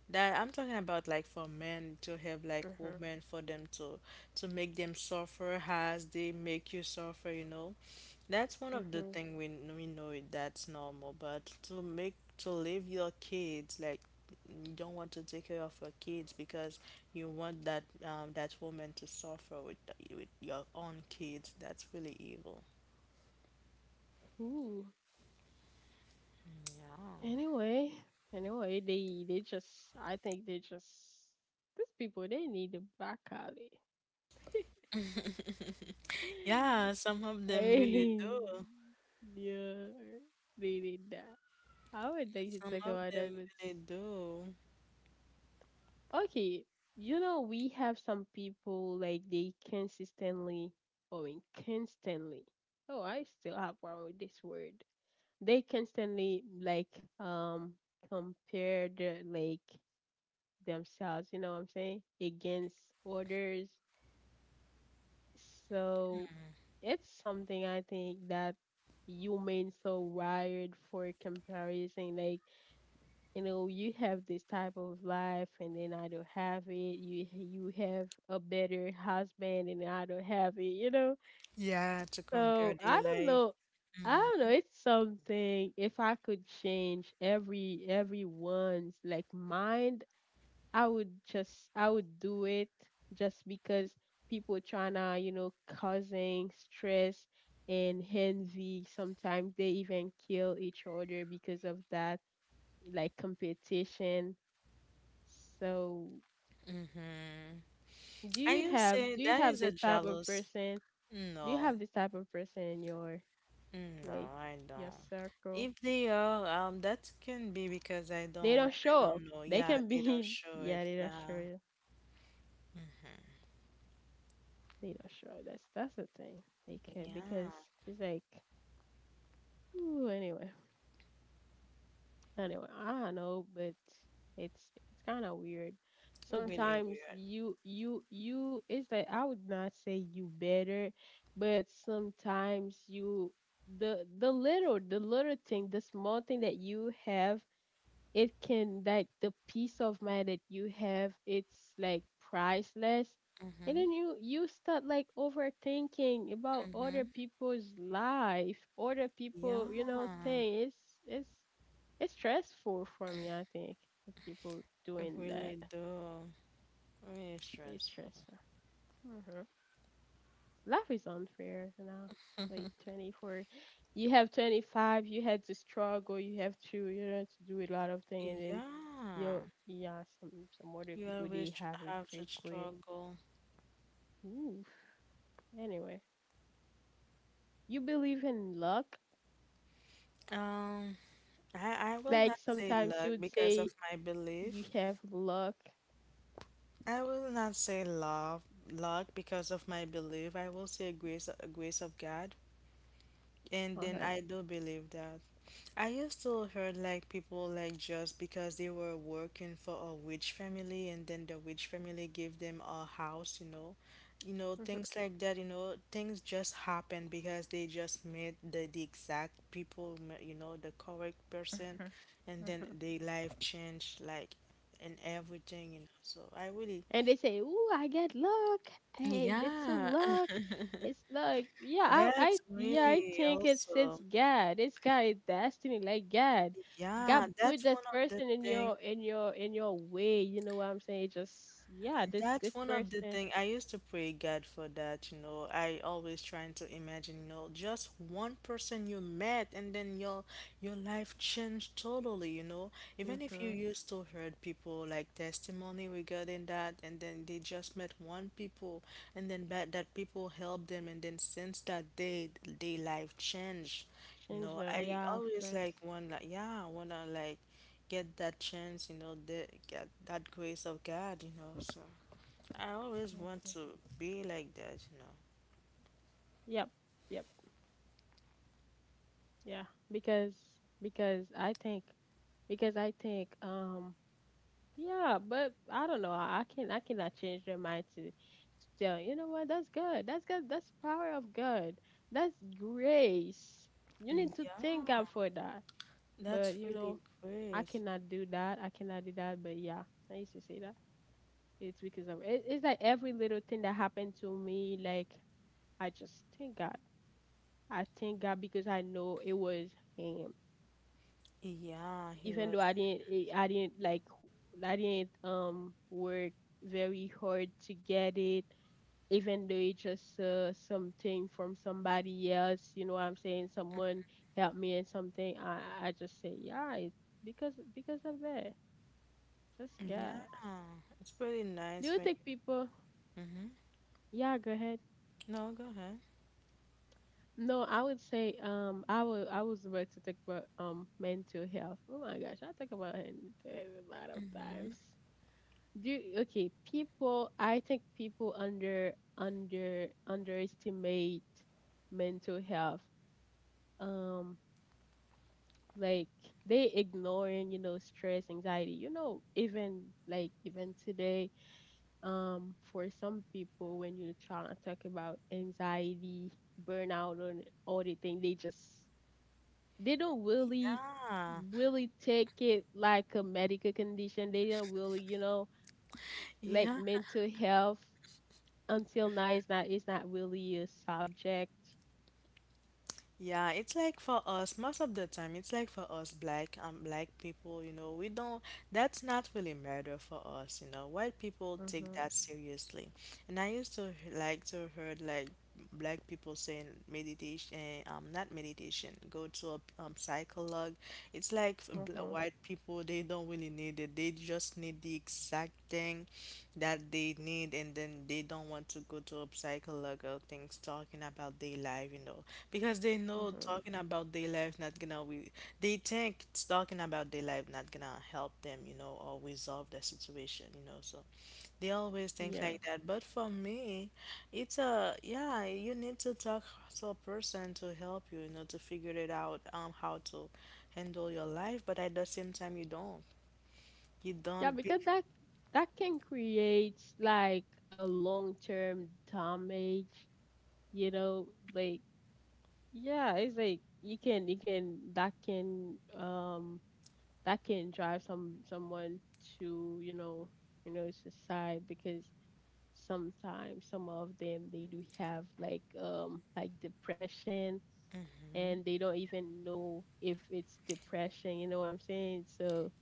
B: That I'm talking about, like for men to have like
A: Mhm.
B: women for them to make them suffer as they make you suffer, you know. That's one of the
A: Mhm.
B: thing we we know it, that's normal, but to make to leave your kids like you don't want to take care of your kids because you want that that woman to suffer with the, with your own kids. That's really evil.
A: Ooh,
B: Yeah.
A: anyway, anyway, they just I think they just these people they need to back out it.
B: Yeah, some of them really
A: Hey,
B: do.
A: yeah, they did that. I would like to
B: Some
A: talk
B: of
A: about that
B: them
A: with
B: really do.
A: okay. You know, we have some people like they consistently or constantly. Oh, I still have one with this word. They constantly like um compare their like themselves, you know what I'm saying, against others. So it's something I think that humans are wired for comparison. Like you know you have this type of life and then I don't have it, you have a better husband and I don't have it, you know.
B: Yeah, to compare
A: So
B: their
A: I don't
B: life.
A: know, I don't know, it's something if I could change everyone's like mind, I would do it just because people trying to, you know, causing stress and envy, sometimes they even kill each other because of that, like competition. So,
B: Mm-hmm.
A: do
B: Are
A: you
B: you
A: have
B: saying
A: do you
B: that
A: have
B: is a
A: this type of
B: jealous?
A: person? Do you
B: No.
A: have this type of person in your
B: Mm, no,
A: like
B: I
A: your
B: don't.
A: circle?
B: If they are, that can be because
A: They don't
B: I
A: show up.
B: don't know.
A: They
B: Yeah,
A: can
B: they don't
A: be
B: show it.
A: yeah, they don't show
B: Yeah,
A: you. They don't show up. That's the thing. They can because
B: yeah,
A: it's like ooh, anyway. Anyway, I don't know, but it's kind of weird.
B: really
A: Sometimes
B: weird.
A: you it's like I would not say you better, but sometimes you the the little thing, the small thing that you have, it can like the peace of mind that you have, it's like priceless. And
B: Mhm,
A: then you start like overthinking about other
B: mhm.
A: people's life, other
B: Yeah,
A: people, you know, thing. It's it's it's stressful for me, I think, for people
B: it
A: doing that.
B: really do. Really
A: It's
B: stressful.
A: stressful. hmm Life is unfair, you know. Like 24, you have 25, you had to struggle, you have to, you know, to do a lot of things, and then
B: Yeah,
A: you, yeah, some other
B: you
A: people
B: always
A: they have it
B: have to
A: quickly.
B: struggle.
A: Oof. Anyway, you believe in luck?
B: Um, I will
A: Like
B: not say
A: sometimes
B: luck
A: you would
B: because
A: say
B: of my
A: you
B: belief.
A: have luck.
B: I will not say love, luck because of my belief. I will say grace, grace of God. And then
A: Okay.
B: I do believe that. I used to heard like people like just because they were working for a witch family and then the witch family gave them a house, you know. You know,
A: Hmm,
B: things like that, you know, things just happen because they just met the exact people, you know, the correct person, and then
A: hmm,
B: their life changed, like, and everything, you know. So I really,
A: and they say, "Ooh, I get luck. Hey, this is
B: yeah.
A: luck." It's like,
B: That's
A: yeah, I
B: really
A: think it's
B: also,
A: God. It's God destiny, like God.
B: yeah,
A: God put
B: that's
A: this
B: one of the
A: person in
B: thing.
A: your way. You know what I'm saying? Just yeah, this
B: That's
A: this
B: one of the
A: person.
B: thing. I used to pray God for that, you know. I always trying to imagine, you know, just one person you met and then your life changed totally, you know. Even if you
A: Mhm.
B: used to heard people like testimony regarding that and then they just met one people and then that, that people helped them and then since that day their life changed. You
A: Change
B: know,
A: the
B: I
A: yeah, of
B: always
A: course.
B: like one like, yeah, wanna like get that chance, you know, the, get that grace of God, you know. So I always want
A: Mhm.
B: to be like that, you know.
A: Yep, yep, yeah. Because because I think because I think yeah, but I don't know. I can I cannot change their mind to tell, you know what, that's good. That's good. That's power of God. That's grace. You need
B: Mm,
A: to
B: yeah,
A: thank God for that. But
B: that's
A: you
B: really
A: know, I
B: great.
A: cannot do that. I cannot do that. But yeah, I used to say that. It's because of it, it's like every little thing that happened to me, like I just thank God. I thank God because I know it was him.
B: Yeah, he
A: Even though
B: was.
A: I didn't I didn't like I didn't work very hard to get it, even though it's just something from somebody else, you know what I'm saying? Someone helped me in something. I just say, yeah, it, because of that. Just God.
B: Yeah, it's pretty
A: Do
B: nice
A: you
B: when.
A: think people
B: Mm-hmm.
A: yeah, go ahead.
B: No, go ahead.
A: No, I would say I would I was about to talk about mental health. Oh my gosh, I talk about it a lot of times. Do okay, people I think people under underestimate mental health. Um like they ignoring, you know, stress, anxiety. You know, even like even today, for some people when you're trying to talk about anxiety, burnout and all the thing, they just they don't really
B: Yeah,
A: really take it like a medical condition. They don't really, you know, like
B: yeah.
A: mental health until now it's not really a subject.
B: Yeah, it's like for us, most of the time, it's like for us black black people, you know, we don't, that's not really matter for us, you know. White people take
A: Mhm.
B: that seriously. And I used to like to heard like black people saying meditation, not meditation, go to a psychologue. It's like for
A: Mhm.
B: white people, they don't really need it. They just need the exact thing that they need and then they don't want to go to a psychologue or things talking about their life, you know. Because they know
A: Mhm.
B: talking about their life not gonna we, they think it's talking about their life not gonna help them, you know, or resolve the situation, you know. So they always think
A: Yeah.
B: like that. But for me, it's a yeah, you need to talk to a person to help you, you know, to figure it out, how to handle your life, but at the same time you don't. You
A: Yeah,
B: don't be.
A: because that that can create like a long term damage. You know, like yeah, it's like you can that can that can drive some someone to you know suicide because sometimes some of them they do have like depression and they don't even know if it's depression. You know what I'm saying? So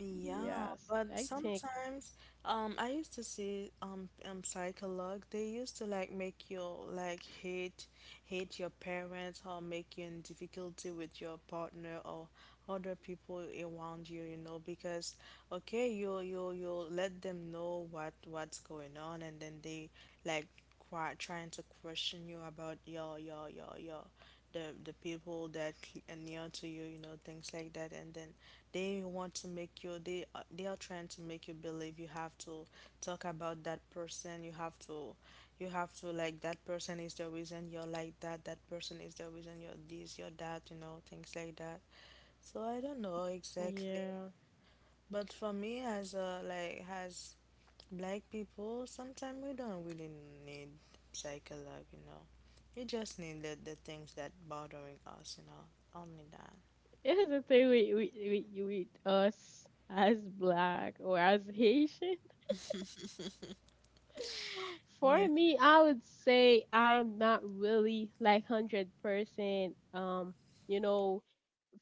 B: Yeah,
A: yes,
B: but
A: I think
B: sometimes I used to see psychologue they used to like make you like hate your parents or make you in difficulty with your partner or other people around you, you know, because okay, you let them know what's going on and then they like trying to question you about your the people that are near to you, you know, things like that, and then they want to make you, they are trying to make you believe you have to talk about that person, you have to like that person is the reason you're like that, that person is the reason you're this, you're that, you know, things like that. So I don't know exactly,
A: yeah,
B: but for me as a like as black people sometimes we don't really need psychologue, you know, you just need the things that bothering us, you know, only that.
A: it is a thing with with us as black or as Haitian.
B: Yeah,
A: For me, I would say I am not really like 100%. You know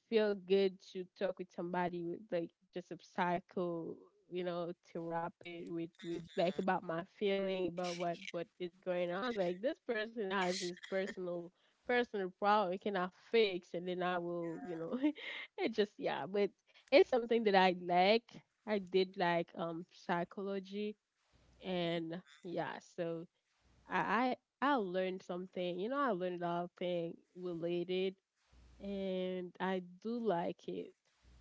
A: feel good to talk with somebody with like just a psycho, you know, therapy with like about my feeling about what is going on. It's like this person has his personal problem he cannot fix, and then I will, you know, it just yeah. But it's something that I like. I did like psychology and yeah, so I learned something. You know, I learned a lot of things related and I do like it,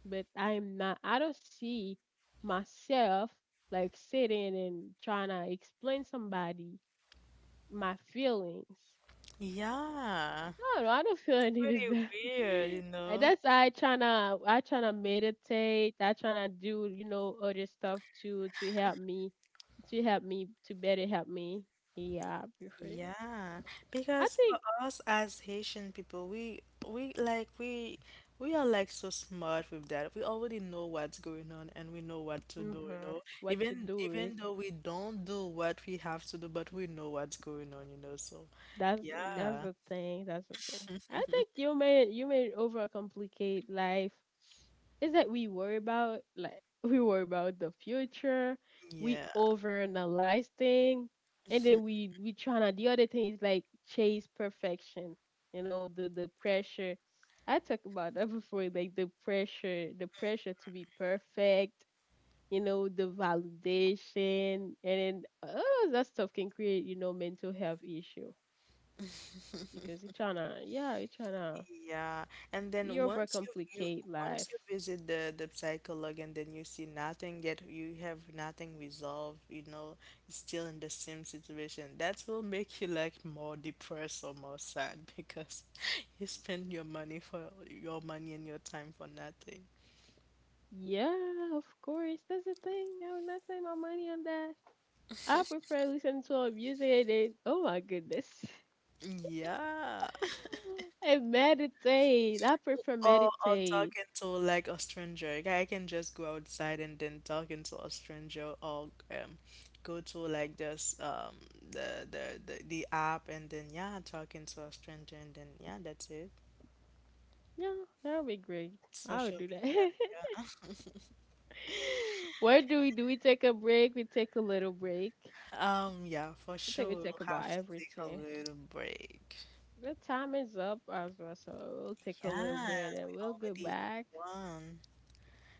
A: but I'm not. I don't see myself like sitting and trying to explain somebody my feelings.
B: yeah,
A: No, no, I don't feel I needed
B: pretty
A: that.
B: weird, you
A: And
B: know.
A: that's I tryna meditate. I tryna do you know other stuff to to help me to better help me. Yeah, I prefer that.
B: Yeah,
A: I
B: because
A: think
B: for us as Haitian people we like we are like so smart with that, we already know what's going on and we know what to do, you
A: hmm
B: know.
A: what to
B: Even
A: do is
B: even though we don't do what we have to do but we know what's going on, you know. So
A: That's that's
B: yeah.
A: the thing. That's the thing. I think you may overcomplicate life. Is that we worry about like we worry about the future. We
B: Yeah,
A: overanalyze thing, and then we tryna. The other thing is like chase perfection. You know the pressure. I talked about that before. Like the pressure to be perfect. You know the validation, and then all of that stuff can create you know mental health issue because you tryna, yeah, you tryna,
B: yeah. And
A: we
B: then once you, you
A: overcomplicate
B: once you
A: life.
B: visit the psychologue and then you see nothing yet, you have nothing resolved, you know, you're still in the same situation. That will make you like more depressed or more sad because you spend your money for your money and your time for nothing.
A: Yeah, of course, that's the thing. I would not spend my money on that. I prefer listening to a music and oh my goodness,
B: Yeah.
A: and meditate. I prefer
B: Or or
A: meditate.
B: talking to like a stranger. Like, I can just go outside and then talking to a stranger, or go to like this the the app and then yeah, talking to a stranger and then yeah, that's it.
A: Yeah, that would be great. I would
B: Social
A: do
B: media,
A: that.
B: yeah.
A: What do? We take a break. We take a little break.
B: Yeah, for
A: I think
B: sure
A: we talk
B: we'll have
A: about
B: to take a
A: everything.
B: little break.
A: The time is up as well, so we'll take a little
B: Yeah,
A: bit
B: we
A: and we'll go
B: already
A: back.
B: won.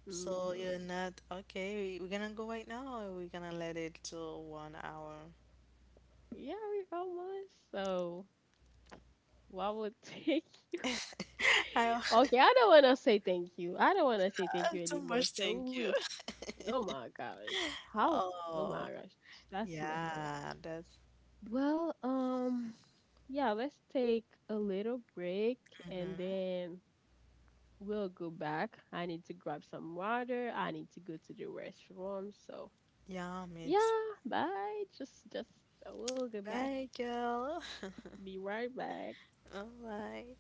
B: So
A: Mm-hmm.
B: you're not okay. We're gonna go right now, or we're gonna let it to 1 hour.
A: Yeah, we got one. So, what would take you?
B: I
A: Okay, I don't want to say thank you. I don't want to say thank you
B: So
A: anymore.
B: much
A: So,
B: thank you.
A: we, oh my gosh, how? Oh
B: Oh,
A: my gosh, that's so much fun.
B: yeah, that's
A: Well, yeah, let's take a little break and
B: mhm.
A: then we'll go back. I need to grab some water. I need to go to the restroom. So,
B: Yum. It's
A: yeah, bye. We'll go back.
B: bagel.
A: Be right back.
B: All right.